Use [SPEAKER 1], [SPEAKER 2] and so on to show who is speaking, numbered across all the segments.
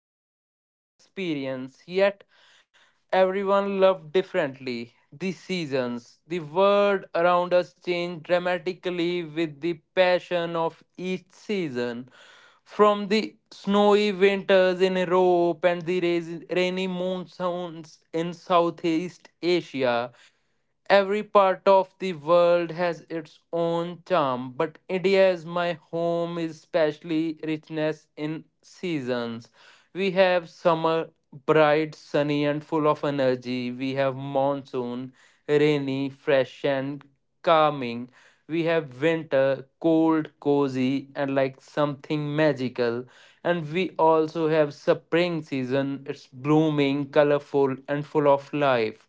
[SPEAKER 1] that everyone experience, yet everyone loved differently. The seasons, the world around us changed dramatically with the passion of each season. From the snowy winters in Europe and the rainy monsoons in Southeast Asia, every part of the world has its own charm, but India is my home, is especially richness in seasons. We have summer, bright, sunny, and full of energy. We have monsoon, rainy, fresh, and calming. We have winter, cold, cozy, and like something magical. And we also have spring season, it's blooming, colorful, and full of life.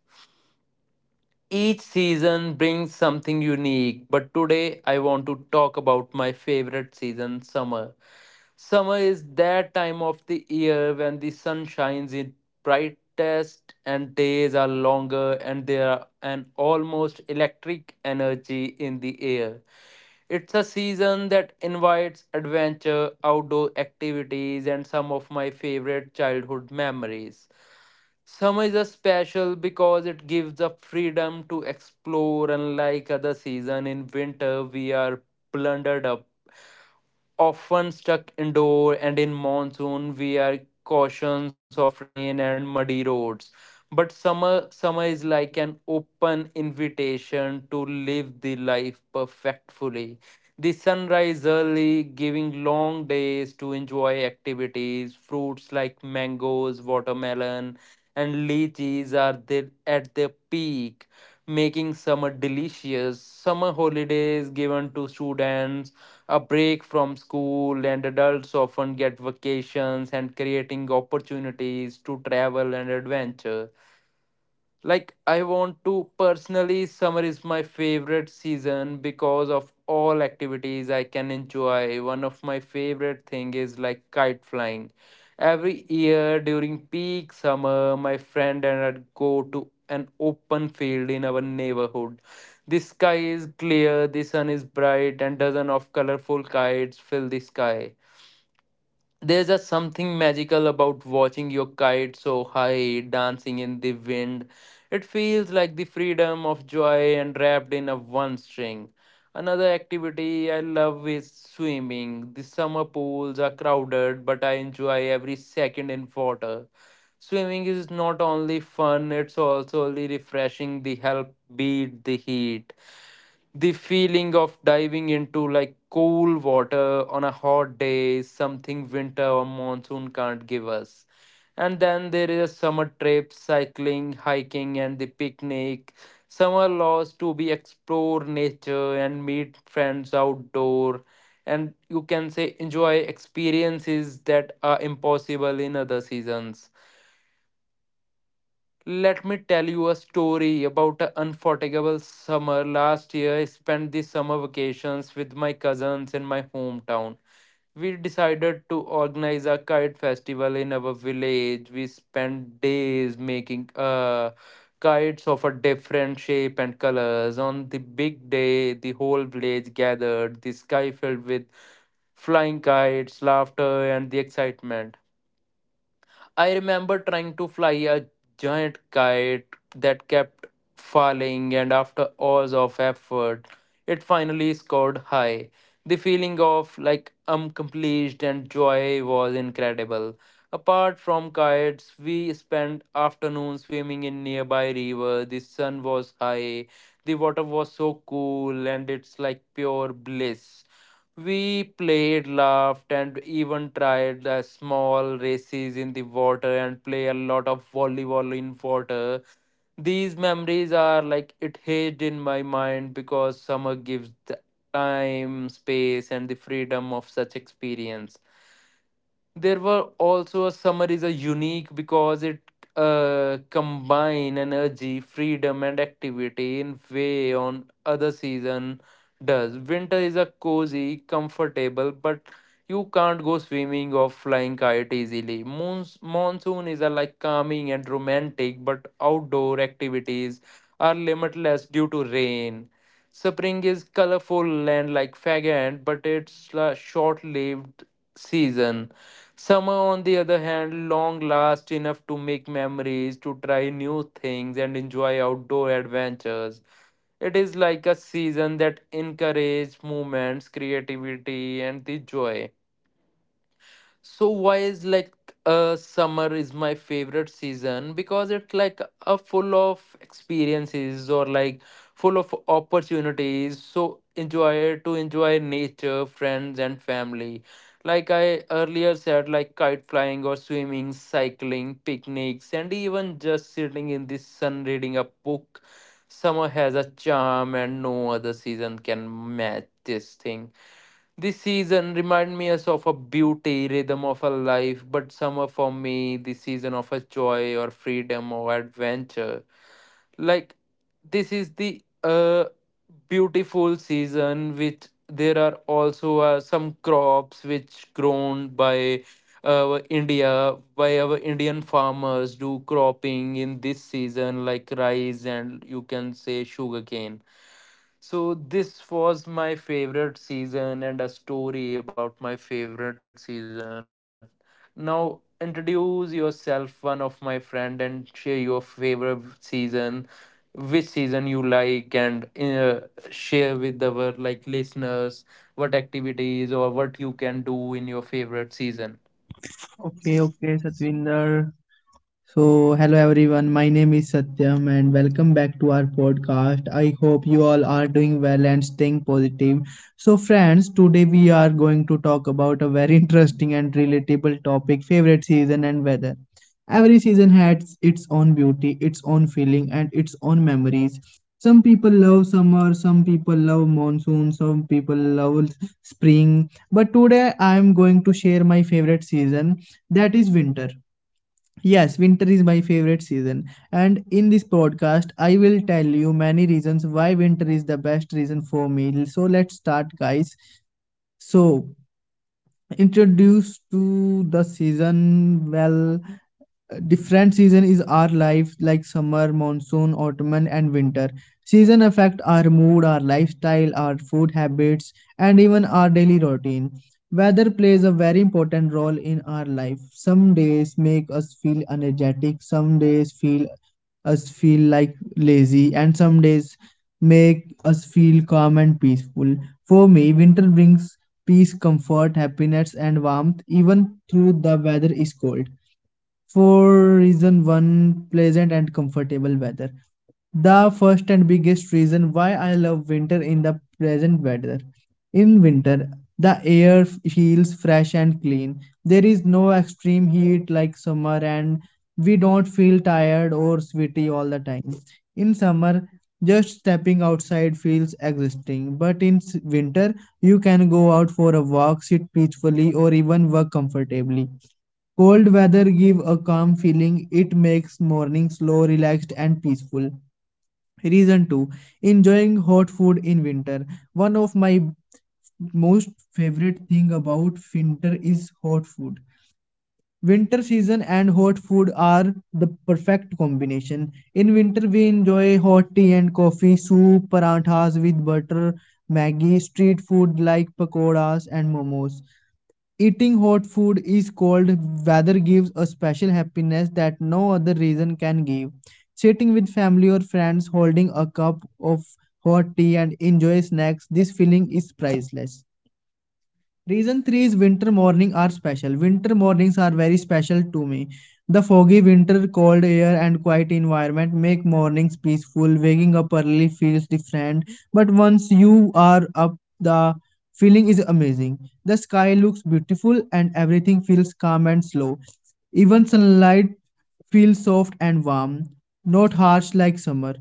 [SPEAKER 1] Each season brings something unique, but today I want to talk about my favorite season, summer. Summer is that time of the year when the sun shines its brightest and days are longer and there are an almost electric energy in the air. It's a season that invites adventure, outdoor activities, and some of my favorite childhood memories. Summer is a special because it gives the freedom to explore. Unlike other season in winter, we are plundered up, often stuck indoor, and in monsoon we are cautions of rain and muddy roads, but summer is like an open invitation to live the life perfectly. The sunrise early, giving long days to enjoy activities. Fruits like mangoes, watermelon, and lychees are there at their peak, making summer delicious. Summer holidays given to students a break from school, and adults often get vacations and creating opportunities to travel and adventure. Like I want to personally, summer is my favorite season because of all activities I can enjoy. One of my favorite thing is like kite flying. Every year during peak summer, my friend and I go to an open field in our neighborhood. The sky is clear, the sun is bright, and dozen of colorful kites fill the sky. There's a something magical about watching your kite so high, dancing in the wind. It feels like the freedom of joy and wrapped in a one string. Another activity I love is swimming. The summer pools are crowded, but I enjoy every second in water. Swimming is not only fun, it's also really refreshing. The help beat the heat. The feeling of diving into like cool water on a hot day is something winter or monsoon can't give us. And then there is a summer trip, cycling, hiking, and the picnic. Summer laws to be explore nature and meet friends outdoor, and you can say enjoy experiences that are impossible in other seasons. Let me tell you a story about an unforgettable summer last year. I spent the summer vacations with my cousins in my hometown. We decided to organize a kite festival in our village. We spent days making kites of a different shape and colors. On the big day, the whole village gathered, the sky filled with flying kites, laughter, and the excitement. I remember trying to fly a giant kite that kept falling, and after hours of effort, it finally scored high. The feeling of like accomplished and joy was incredible. Apart from kites, we spent afternoons swimming in nearby river. The sun was high, the water was so cool, and it's like pure bliss. We played, laughed, and even tried the small races in the water and play a lot of volleyball in water. These memories are like it hid in my mind because summer gives the time, space, and the freedom of such experience. There were also summaries are unique because it combine energy, freedom, and activity in way on other season does. Winter is a cozy comfortable, but you can't go swimming or flying kite easily. Moons, monsoon is a like calming and romantic, but outdoor activities are limitless due to rain. Spring is colorful and like faggot, but it's a short-lived season. Summer, on the other hand, long lasts enough to make memories, to try new things, and enjoy outdoor adventures. It is like a season that encourages movements, creativity, and the joy. So why is like summer is my favorite season because it's like a full of experiences or like full of opportunities. So enjoy to enjoy nature, friends, and family. Like I earlier said, like kite flying or swimming, cycling, picnics, and even just sitting in the sun reading a book. Summer has a charm and no other season can match this thing. This season remind me us of a beauty, rhythm of a life, but summer for me, the season of a joy or freedom or adventure. Like this is the beautiful season, which there are also some crops which grown by India, by our Indian farmers do cropping in this season, like rice and you can say sugarcane. So this was my favorite season and a story about my favorite season. Now introduce yourself, one of my friend, and share your favorite season, which season you like, and share with our like listeners what activities or what you can do in your favorite season.
[SPEAKER 2] Okay, okay, Satvinder. So, hello everyone, my name is Satyam and welcome back to our podcast. I hope you all are doing well and staying positive. So, friends, today we are going to talk about a very interesting and relatable topic favorite season and weather. Every season has its own beauty, its own feeling, and its own memories. Some people love summer, some people love monsoon, some people love spring. But today I am going to share my favorite season that is winter. Yes, winter is my favorite season. And in this podcast, I will tell you many reasons why winter is the best reason for me. So let's start, guys. So, introduced to the season, well, different season is our life, like summer, monsoon, autumn and winter. Season affect our mood, our lifestyle, our food habits, and even our daily routine. Weather plays a very important role in our life. Some days make us feel energetic, some days feel us feel like lazy, and some days make us feel calm and peaceful. For me, winter brings peace, comfort, happiness, and warmth, even through the weather is cold. For reason one, pleasant and comfortable weather. The first and biggest reason why I love winter in the present weather. In winter, the air feels fresh and clean. There is no extreme heat like summer, and we don't feel tired or sweaty all the time. In summer, just stepping outside feels exhausting, but in winter, you can go out for a walk, sit peacefully, or even work comfortably. Cold weather give a calm feeling. It makes morning slow, relaxed and peaceful. Reason 2. Enjoying hot food in winter. One of my most favorite thing about winter is hot food. Winter season and hot food are the perfect combination. In winter we enjoy hot tea and coffee, soup, paranthas with butter, Maggi, street food like pakoras and momos. Eating hot food is cold weather gives a special happiness that no other reason can give. Sitting with family or friends, holding a cup of hot tea and enjoy snacks, this feeling is priceless. Reason 3 is winter mornings are special. Winter mornings are very special to me. The foggy winter, cold air and quiet environment make mornings peaceful. Waking up early feels different, but once you are up, the feeling is amazing. The sky looks beautiful and everything feels calm and slow. Even sunlight feels soft and warm, not harsh like summer.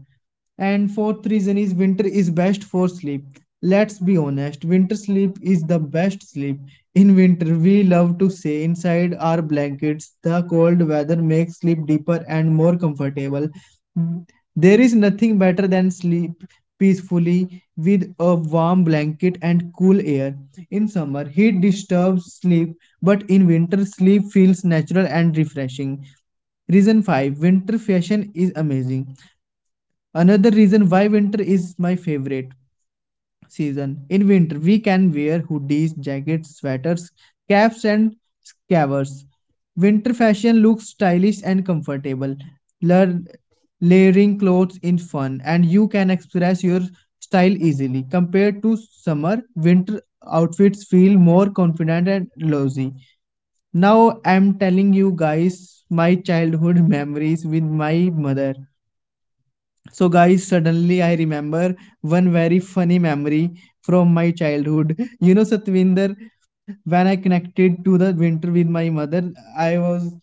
[SPEAKER 2] And fourth reason is winter is best for sleep. Let's be honest, winter sleep is the best sleep. In winter, we love to stay inside our blankets. The cold weather makes sleep deeper and more comfortable. There is nothing better than sleep peacefully with a warm blanket and cool air. In summer, heat disturbs sleep, but in winter, sleep feels natural and refreshing. Reason 5. Winter fashion is amazing. Another reason why winter is my favorite season. In winter, we can wear hoodies, jackets, sweaters, caps, and scarves. Winter fashion looks stylish and comfortable. Lear- Layering clothes is fun, and you can express your style easily. Compared to summer, winter outfits feel more confident and loosey. Now I'm telling you guys my childhood memories with my mother. So, guys, suddenly I remember one very funny memory from my childhood. You know, Satvinder, when I connected to the winter with my mother, I was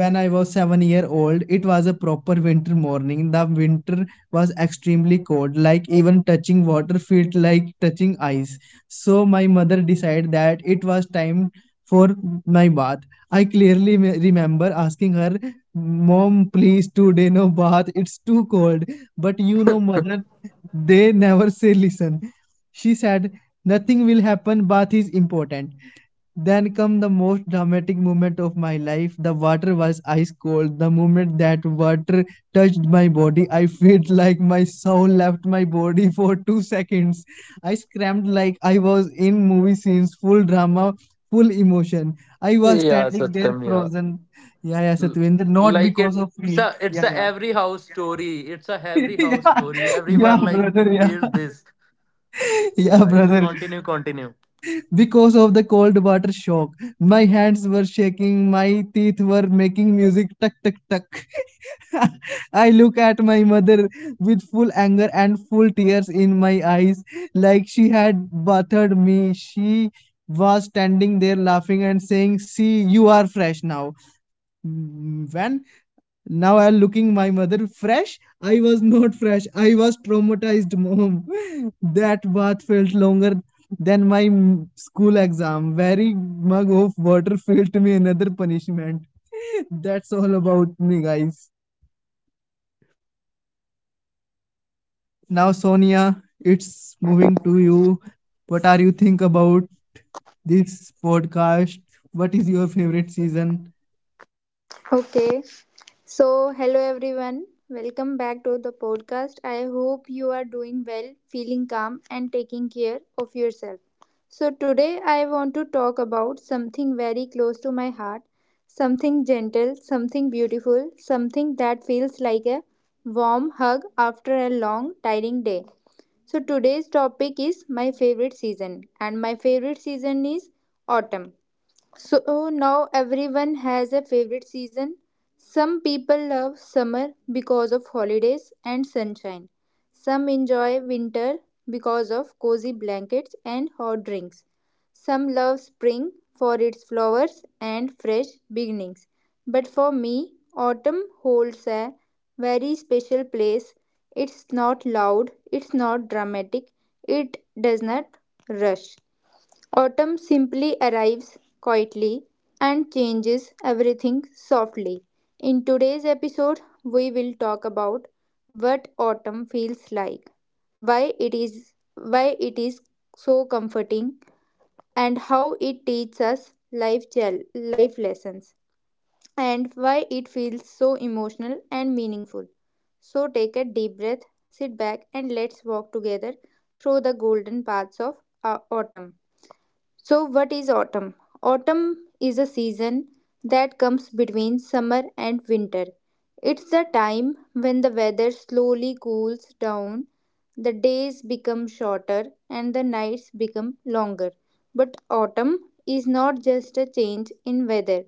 [SPEAKER 2] when I was 7-year old. It was a proper winter morning. The winter was extremely cold, like even touching water felt like touching ice. So my mother decided that it was time for my bath. I clearly remember asking her, mom, please, today no bath, it's too cold. But you know mother, they never say listen. She said nothing will happen, bath is important. Then come the most dramatic moment of my life. The water was ice cold. The moment that water touched my body, I felt like my soul left my body for 2 seconds. I screamed like I was in movie scenes, full drama, full emotion. I was
[SPEAKER 1] Yeah,
[SPEAKER 2] standing there
[SPEAKER 1] Satyam, yeah.
[SPEAKER 2] frozen. Yeah, yeah,
[SPEAKER 1] L-
[SPEAKER 2] Satwinder, not
[SPEAKER 1] Like
[SPEAKER 2] because of
[SPEAKER 1] it's a
[SPEAKER 2] me.
[SPEAKER 1] it's a
[SPEAKER 2] Yeah, yeah.
[SPEAKER 1] every house story. It's a every house
[SPEAKER 2] Yeah,
[SPEAKER 1] story. Everyone
[SPEAKER 2] yeah,
[SPEAKER 1] like
[SPEAKER 2] brother, yeah.
[SPEAKER 1] feel this.
[SPEAKER 2] Yeah,
[SPEAKER 1] Yeah, yeah.
[SPEAKER 2] brother.
[SPEAKER 1] Continue, continue.
[SPEAKER 2] Because of the cold water shock, my hands were shaking, my teeth were making music, tuck tuck tuck. I look at my mother with full anger and full tears in my eyes, like she had battered me. She was standing there laughing and saying, see, you are fresh now. Mm, when now I'm looking my mother fresh. I was not fresh. I was traumatized, mom. That bath felt longer than my school exam. Very mug of water felt me another punishment. That's all about me, guys. Now, Sonia, it's moving to you. What are you think about this podcast? What is your favorite season?
[SPEAKER 3] Okay, so hello everyone. Welcome back to the podcast. I hope you are doing well, feeling calm, and taking care of yourself. So, today I want to talk about something very close to my heart, something gentle, something beautiful, something that feels like a warm hug after a long, tiring day. So, today's topic is my favorite season, and my favorite season is autumn. So oh, now everyone has a favorite season. Some people love summer because of holidays and sunshine. Some enjoy winter because of cozy blankets and hot drinks. Some love spring for its flowers and fresh beginnings. But for me, autumn holds a very special place. It's not loud, it's not dramatic, it does not rush. Autumn simply arrives quietly and changes everything softly. In today's episode, we will talk about what autumn feels like, why it is so comforting, and how it teaches us life lessons, and why it feels so emotional and meaningful. So take a deep breath, sit back, and let's walk together through the golden paths of autumn. So, what is autumn? Autumn is a season that comes between summer and winter. It's the time when the weather slowly cools down, the days become shorter, and the nights become longer. But autumn is not just a change in weather,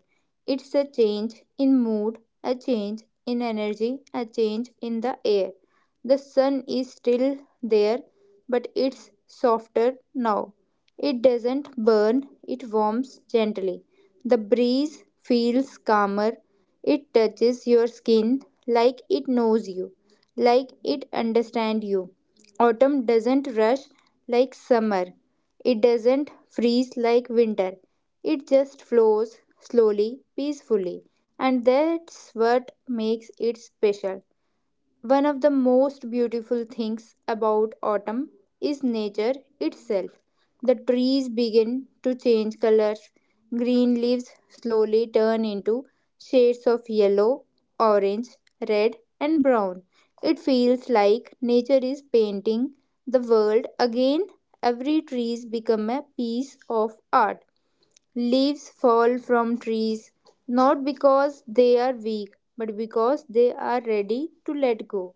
[SPEAKER 3] it's a change in mood, a change in energy, a change in the air. The sun is still there, but it's softer now. It doesn't burn, it warms gently. The breeze feels calmer. It touches your skin like it knows you, like it understands you. Autumn doesn't rush like summer. It doesn't freeze like winter. It just flows slowly, peacefully. And that's what makes it special. One of the most beautiful things about autumn is nature itself. The trees begin to change colors. Green leaves slowly turn into shades of yellow, orange, red, and brown. It feels like nature is painting the world again. Every tree becomes a piece of art. Leaves fall from trees not because they are weak, but because they are ready to let go.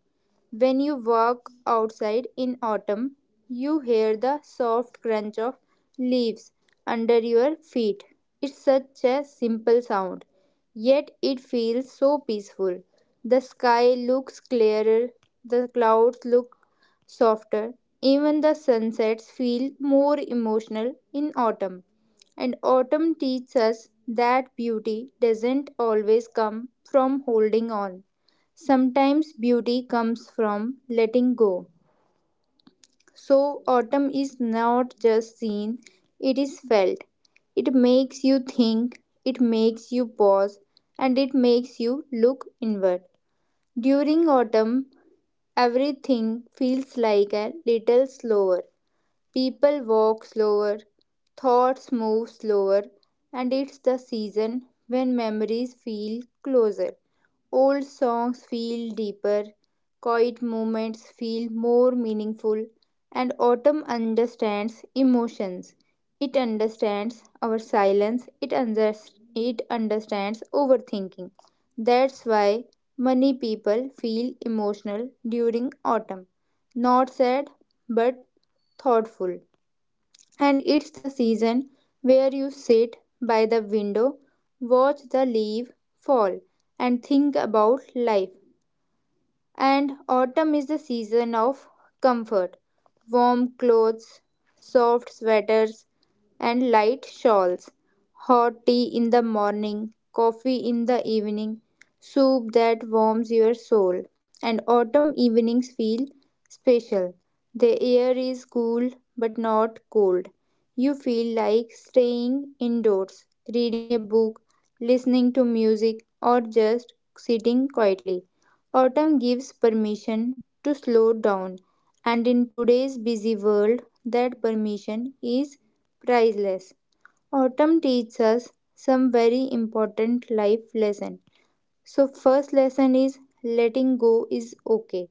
[SPEAKER 3] When you walk outside in autumn, you hear the soft crunch of leaves under your feet. It's such a simple sound, yet it feels so peaceful. The sky looks clearer, the clouds look softer, even the sunsets feel more emotional in autumn. And autumn teaches us that beauty doesn't always come from holding on. Sometimes beauty comes from letting go. So, autumn is not just seen, it is felt. It makes you think, it makes you pause, and it makes you look inward. During autumn, everything feels like a little slower. People walk slower, thoughts move slower, and it's the season when memories feel closer. Old songs feel deeper, quiet moments feel more meaningful, and autumn understands emotions. It understands our silence, it understands overthinking. That's why many people feel emotional during autumn. Not sad, but thoughtful, and it's the season where you sit by the window, watch the leaves fall, and think about life. And autumn is the season of comfort, warm clothes, soft sweaters, and light shawls, hot tea in the morning, coffee in the evening, soup that warms your soul. And autumn evenings feel special. The air is cool but not cold. You feel like staying indoors, reading a book, listening to music, or just sitting quietly. Autumn gives permission to slow down, and in today's busy world, that permission is priceless. Autumn teaches us some very important life lesson. So first lesson is letting go is okay.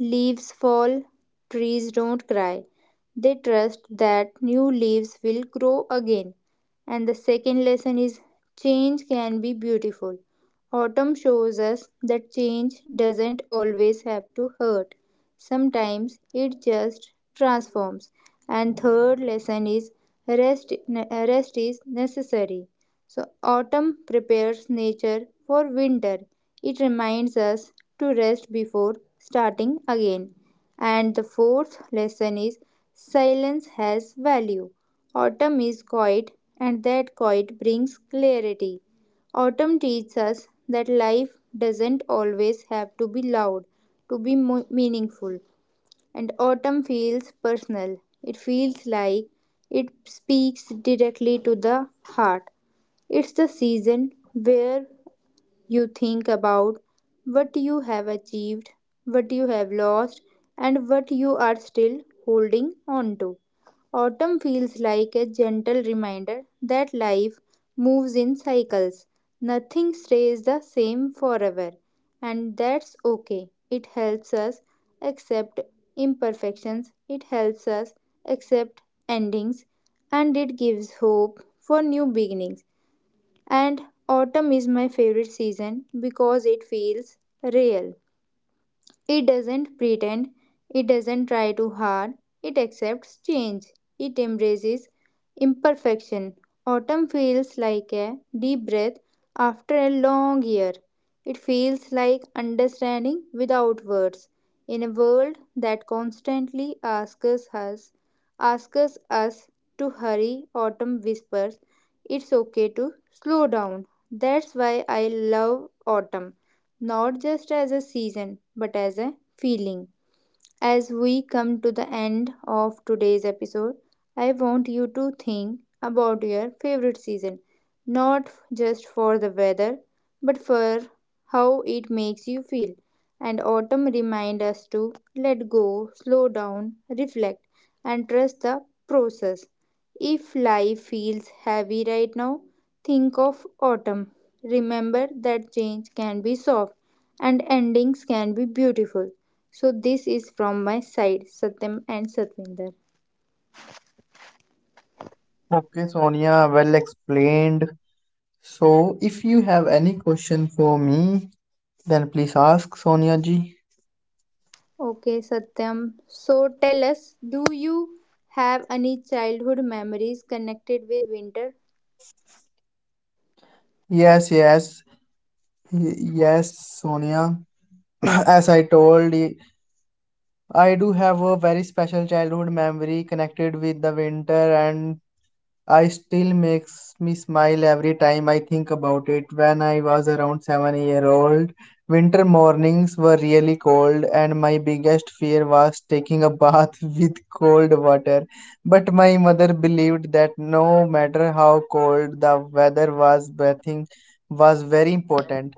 [SPEAKER 3] Leaves fall, trees don't cry. They trust that new leaves will grow again. And the second lesson is change can be beautiful. Autumn shows us that change doesn't always have to hurt. Sometimes it just transforms. And third lesson is rest rest is necessary. So, autumn prepares nature for winter. It reminds us to rest before starting again. And the fourth lesson is silence has value. Autumn is quiet, and that quiet brings clarity. Autumn teaches us that life doesn't always have to be loud to be meaningful. And autumn feels personal. It feels like it speaks directly to the heart. It's the season where you think about what you have achieved, what you have lost, and what you are still holding on to. Autumn feels like a gentle reminder that life moves in cycles. Nothing stays the same forever, and that's okay. It helps us accept imperfections, it helps us accept endings, and it gives hope for new beginnings. And autumn is my favorite season because it feels real, it doesn't pretend, it doesn't try too hard, it accepts change, it embraces imperfection. Autumn feels like a deep breath after a long year. It feels like understanding without words. In a world that constantly asks us, asks us to hurry, autumn whispers, it's okay to slow down. That's why I love autumn, not just as a season, but as a feeling. As we come to the end of today's episode, I want you to think about your favorite season, not just for the weather, but for how it makes you feel. And autumn reminds us to let go, slow down, reflect, and trust the process. If life feels heavy right now, think of autumn. Remember that change can be soft and endings can be beautiful. So, this is from my side, Satyam and Satvinder.
[SPEAKER 2] Okay, Sonia, well explained. So, if you have any question for me, then please ask Sonia ji.
[SPEAKER 3] Okay, Satyam. So, tell us, do you have any childhood memories connected with winter?
[SPEAKER 2] Yes, yes, yes, Sonia. As I told you, I do have a very special childhood memory connected with the winter, and I still makes me smile every time I think about it. When I was around 7-year-old, winter mornings were really cold and my biggest fear was taking a bath with cold water. But my mother believed that no matter how cold the weather was, bathing was very important.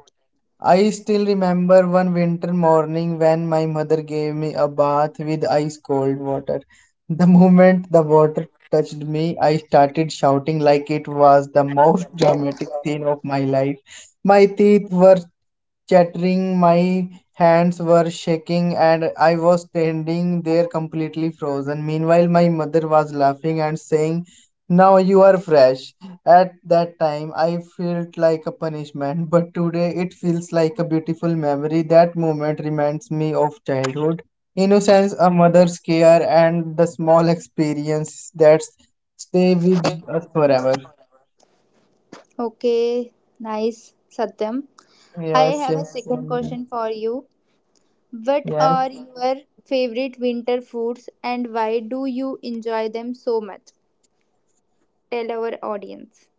[SPEAKER 2] I still remember one winter morning when my mother gave me a bath with ice cold water. The moment the water touched me, I started shouting like it was the most dramatic scene of my life. My teeth were chattering. My hands were shaking, and I was standing there completely frozen. Meanwhile, my mother was laughing and saying, now you are fresh. At that time, I felt like a punishment, but today it feels like a beautiful memory. That moment reminds me of childhood, innocence, a mother's care, and the small experiences that stay with us forever.
[SPEAKER 3] Okay, nice, Satyam. I
[SPEAKER 2] Yes,
[SPEAKER 3] have a
[SPEAKER 2] yes,
[SPEAKER 3] second
[SPEAKER 2] Sonia.
[SPEAKER 3] question for you. What are
[SPEAKER 2] Yes.
[SPEAKER 3] your favorite winter foods and why do you enjoy them so much? Tell our audience.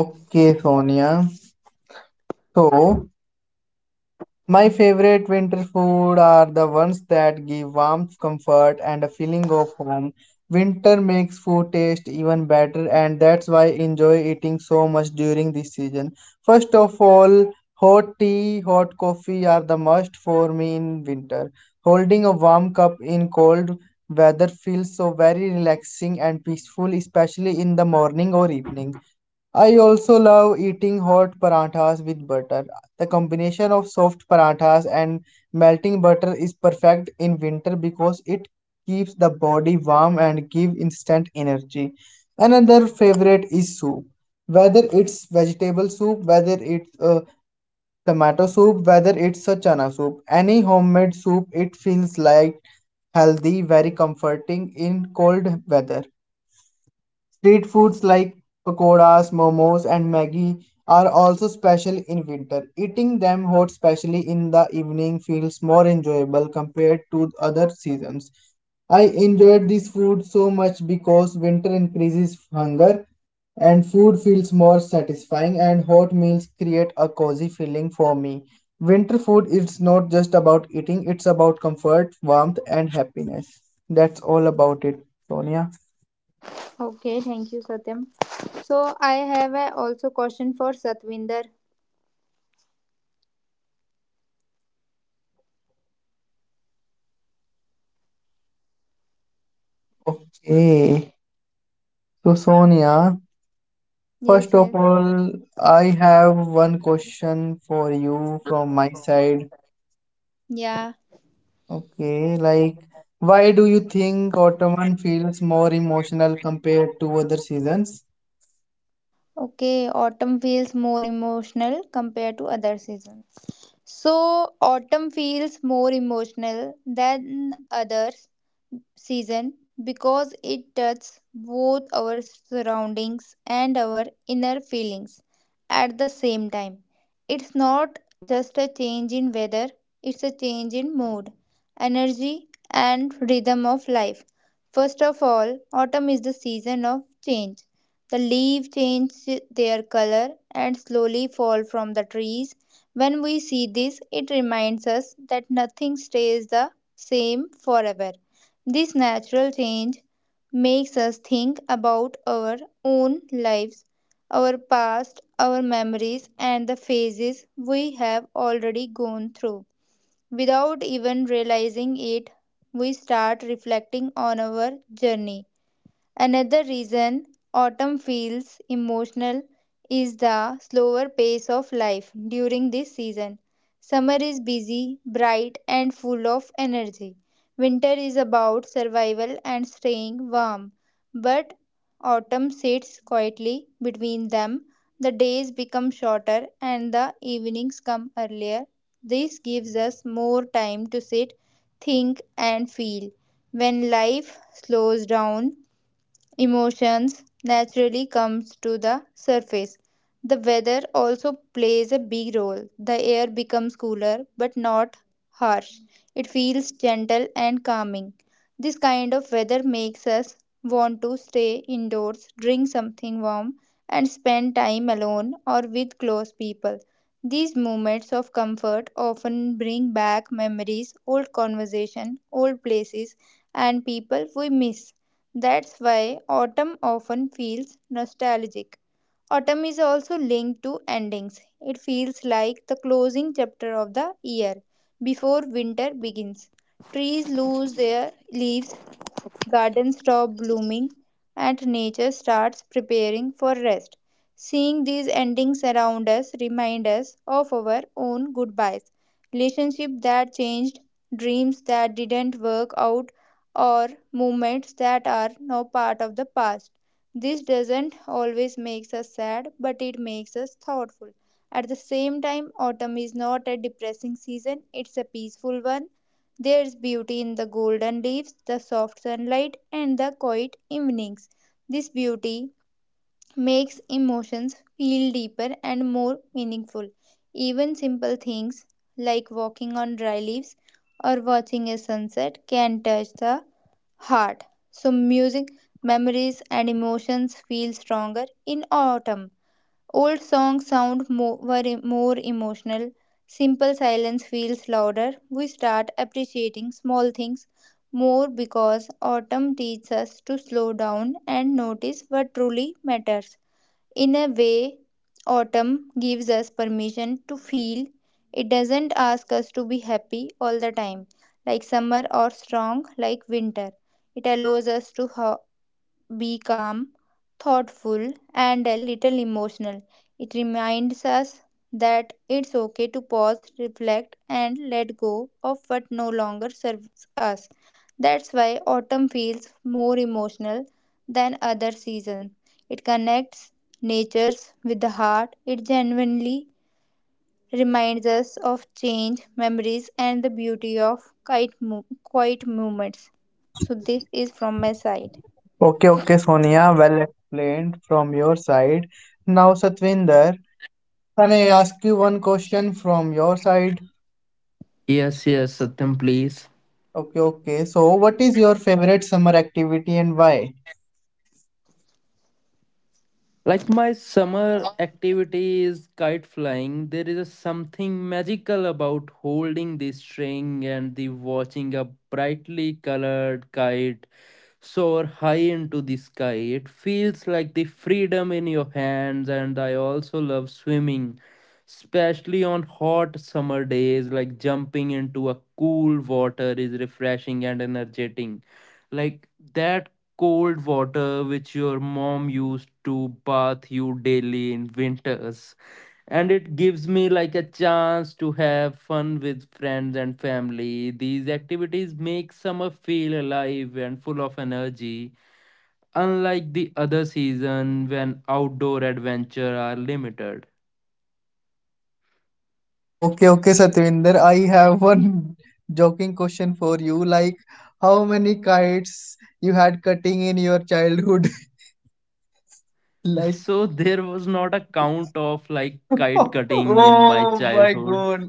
[SPEAKER 2] Okay, Sonia. So, my favorite winter food are the ones that give warmth, comfort, and a feeling of home. Winter makes food taste even better, and that's why I enjoy eating so much during this season. First of all, hot tea, hot coffee are the must for me in winter. Holding a warm cup in cold weather feels so very relaxing and peaceful, especially in the morning or evening. I also love eating hot parathas with butter. The combination of soft parathas and melting butter is perfect in winter because it keeps the body warm and give instant energy. Another favorite is soup. Whether it's vegetable soup, whether it's tomato soup, whether it's a chana soup, any homemade soup, it feels like healthy, very comforting in cold weather. Street foods like pakoras, momos, and Maggi are also special in winter. Eating them hot, especially in the evening, feels more enjoyable compared to other seasons. I enjoyed this food so much because winter increases hunger and food feels more satisfying and hot meals create a cozy feeling for me. Winter food is not just about eating, it's about comfort, warmth and happiness. That's all about it, Sonia.
[SPEAKER 3] Okay, thank you, Satyam. So I have a also question for Satvinder.
[SPEAKER 2] Hey. So, Sonia,
[SPEAKER 3] Yes,
[SPEAKER 2] first
[SPEAKER 3] yes.
[SPEAKER 2] of all, I have one question for you from my side.
[SPEAKER 3] Yeah.
[SPEAKER 2] Okay, like, why do you think autumn feels more emotional compared to other seasons?
[SPEAKER 3] Okay, autumn feels more emotional compared to other seasons. So, autumn feels more emotional than other season because it touches both our surroundings and our inner feelings at the same time. It's not just a change in weather, it's a change in mood, energy, and rhythm of life. First of all, autumn is the season of change. The leaves change their color and slowly fall from the trees. When we see this, it reminds us that nothing stays the same forever. This natural change makes us think about our own lives, our past, our memories, and the phases we have already gone through. Without even realizing it, we start reflecting on our journey. Another reason autumn feels emotional is the slower pace of life during this season. Summer is busy, bright, and full of energy. Winter is about survival and staying warm, but autumn sits quietly between them. The days become shorter and the evenings come earlier. This gives us more time to sit, think, and feel. When life slows down, emotions naturally comes to the surface. The weather also plays a big role. The air becomes cooler but not harsh, it feels gentle and calming. This kind of weather makes us want to stay indoors, drink something warm, and spend time alone or with close people. These moments of comfort often bring back memories, old conversation, old places, and people we miss. That's why autumn often feels nostalgic. Autumn is also linked to endings. It feels like the closing chapter of the year before winter begins. Trees lose their leaves, gardens stop blooming, and nature starts preparing for rest. Seeing these endings around us remind us of our own goodbyes, relationships that changed, dreams that didn't work out, or moments that are now part of the past. This doesn't always makes us sad, but it makes us thoughtful. At the same time, autumn is not a depressing season, it's a peaceful one. There is beauty in the golden leaves, the soft sunlight, and the quiet evenings. This beauty makes emotions feel deeper and more meaningful. Even simple things like walking on dry leaves or watching a sunset can touch the heart. So, music, memories, and emotions feel stronger in autumn. Old songs sound more, more emotional. Simple silence feels louder. We start appreciating small things more because autumn teaches us to slow down and notice what truly matters. In a way, autumn gives us permission to feel. It doesn't ask us to be happy all the time, like summer or strong like winter. It allows us to be calm, thoughtful, and a little emotional. It reminds us that it's okay to pause, reflect, and let go of what no longer serves us. That's why autumn feels more emotional than other seasons. It connects natures with the heart. It genuinely reminds us of change, memories, and the beauty of quiet, quiet moments. So, this is from my side.
[SPEAKER 2] Okay, okay, Sonia, well explained from your side. Now, Satvinder, can I ask you one question from your side?
[SPEAKER 1] Yes, yes, Satyam, please.
[SPEAKER 2] Okay, okay. So, what is your favorite summer activity and why?
[SPEAKER 1] Like my summer activity is kite flying, there is a something magical about holding the string and the watching a brightly colored kite soar high into the sky. It feels like the freedom in your hands, and I also love swimming, especially on hot summer days. Like jumping into a cool water is refreshing and energetic. Like that cold water which your mom used to bath you daily in winters. And it gives me like a chance to have fun with friends and family. These activities make summer feel alive and full of energy, unlike the other season when outdoor adventure are limited.
[SPEAKER 2] Okay, okay, Satvinder. I have one joking question for you. Like, how many kites you had cutting in your childhood? Like,
[SPEAKER 1] So there was not a count of like kite cutting in my
[SPEAKER 2] oh my
[SPEAKER 1] childhood.
[SPEAKER 2] God.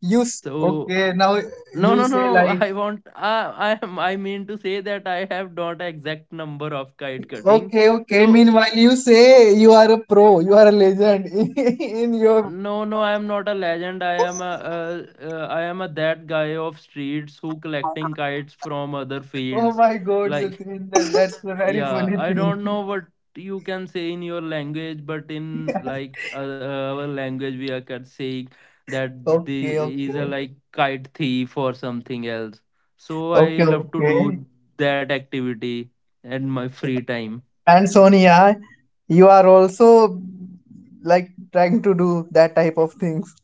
[SPEAKER 1] So
[SPEAKER 2] Okay now?
[SPEAKER 1] no,
[SPEAKER 2] You
[SPEAKER 1] no,
[SPEAKER 2] say
[SPEAKER 1] no.
[SPEAKER 2] like,
[SPEAKER 1] I want. I am. I mean to say that I have not exact number of kite cutting.
[SPEAKER 2] okay, okay.
[SPEAKER 1] So
[SPEAKER 2] Meanwhile, you say you are a pro, you are a legend in your.
[SPEAKER 1] no, no. I am not a legend. I am a. I am a that guy of streets who collecting kites from other
[SPEAKER 2] Oh
[SPEAKER 1] fields.
[SPEAKER 2] my God,
[SPEAKER 1] Like
[SPEAKER 2] Satvinder, that's a very
[SPEAKER 1] yeah,
[SPEAKER 2] funny
[SPEAKER 1] I
[SPEAKER 2] thing.
[SPEAKER 1] don't know what you can say in your language, but in like our language, we are can saying that
[SPEAKER 2] Okay,
[SPEAKER 1] the is a
[SPEAKER 2] okay,
[SPEAKER 1] like kite thief or something else. So I
[SPEAKER 2] okay,
[SPEAKER 1] love to
[SPEAKER 2] okay.
[SPEAKER 1] do that activity at my free time.
[SPEAKER 2] And Sonia, you are also like trying to do that type of things.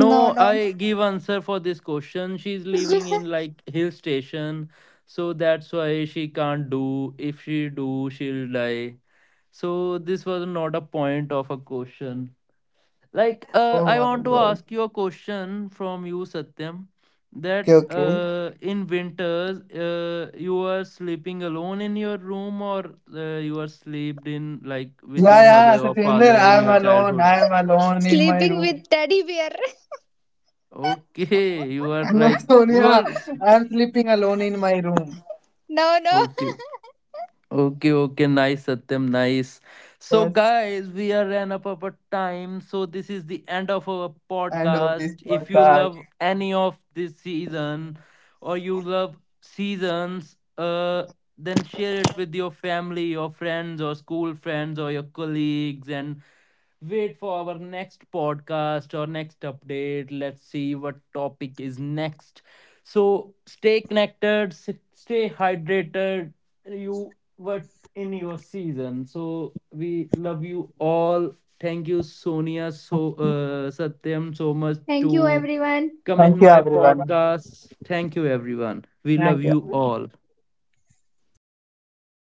[SPEAKER 3] No, no.
[SPEAKER 1] I give answer for this question. She's living in like hill station, so that's why she can't do. If she do, she'll die. So this was not a point of a question. Like
[SPEAKER 2] Oh
[SPEAKER 1] I
[SPEAKER 2] my
[SPEAKER 1] want to
[SPEAKER 2] god.
[SPEAKER 1] ask you a question from you, Satyam,
[SPEAKER 2] Okay,
[SPEAKER 1] that
[SPEAKER 2] okay.
[SPEAKER 1] in winters, you are sleeping alone in your room or you are slept in like with
[SPEAKER 2] Yeah,
[SPEAKER 1] your
[SPEAKER 2] yeah,
[SPEAKER 1] mother or
[SPEAKER 2] Satyendra,
[SPEAKER 1] father in
[SPEAKER 2] I'm
[SPEAKER 1] your
[SPEAKER 2] alone.
[SPEAKER 1] childhood?
[SPEAKER 2] I'm alone in my
[SPEAKER 3] Sleeping
[SPEAKER 2] room.
[SPEAKER 3] with teddy bear.
[SPEAKER 1] Okay, you are
[SPEAKER 2] No,
[SPEAKER 1] like you
[SPEAKER 2] Sonia,
[SPEAKER 1] are
[SPEAKER 2] I'm sleeping alone in my room.
[SPEAKER 3] No, no.
[SPEAKER 1] okay. Okay, okay, nice, Satyam, nice. So,
[SPEAKER 2] Yes,
[SPEAKER 1] guys, we are ran up our time. So, this is the end of our
[SPEAKER 2] end of
[SPEAKER 1] podcast.
[SPEAKER 2] this
[SPEAKER 1] If you
[SPEAKER 2] podcast.
[SPEAKER 1] love any of this season or you love seasons, then share it with your family, your friends, or school friends, or your colleagues, and wait for our next podcast or next update. Let's see what topic is next. So stay connected, stay hydrated. You were in your season. So we love you all. Thank you, Sonia, so Satyam, so much
[SPEAKER 3] Thank you,
[SPEAKER 1] to
[SPEAKER 3] everyone.
[SPEAKER 1] come in
[SPEAKER 2] Thank you,
[SPEAKER 1] my
[SPEAKER 2] everyone.
[SPEAKER 1] podcast. Thank you, everyone. We love
[SPEAKER 2] Thank
[SPEAKER 1] you
[SPEAKER 2] you.
[SPEAKER 1] all.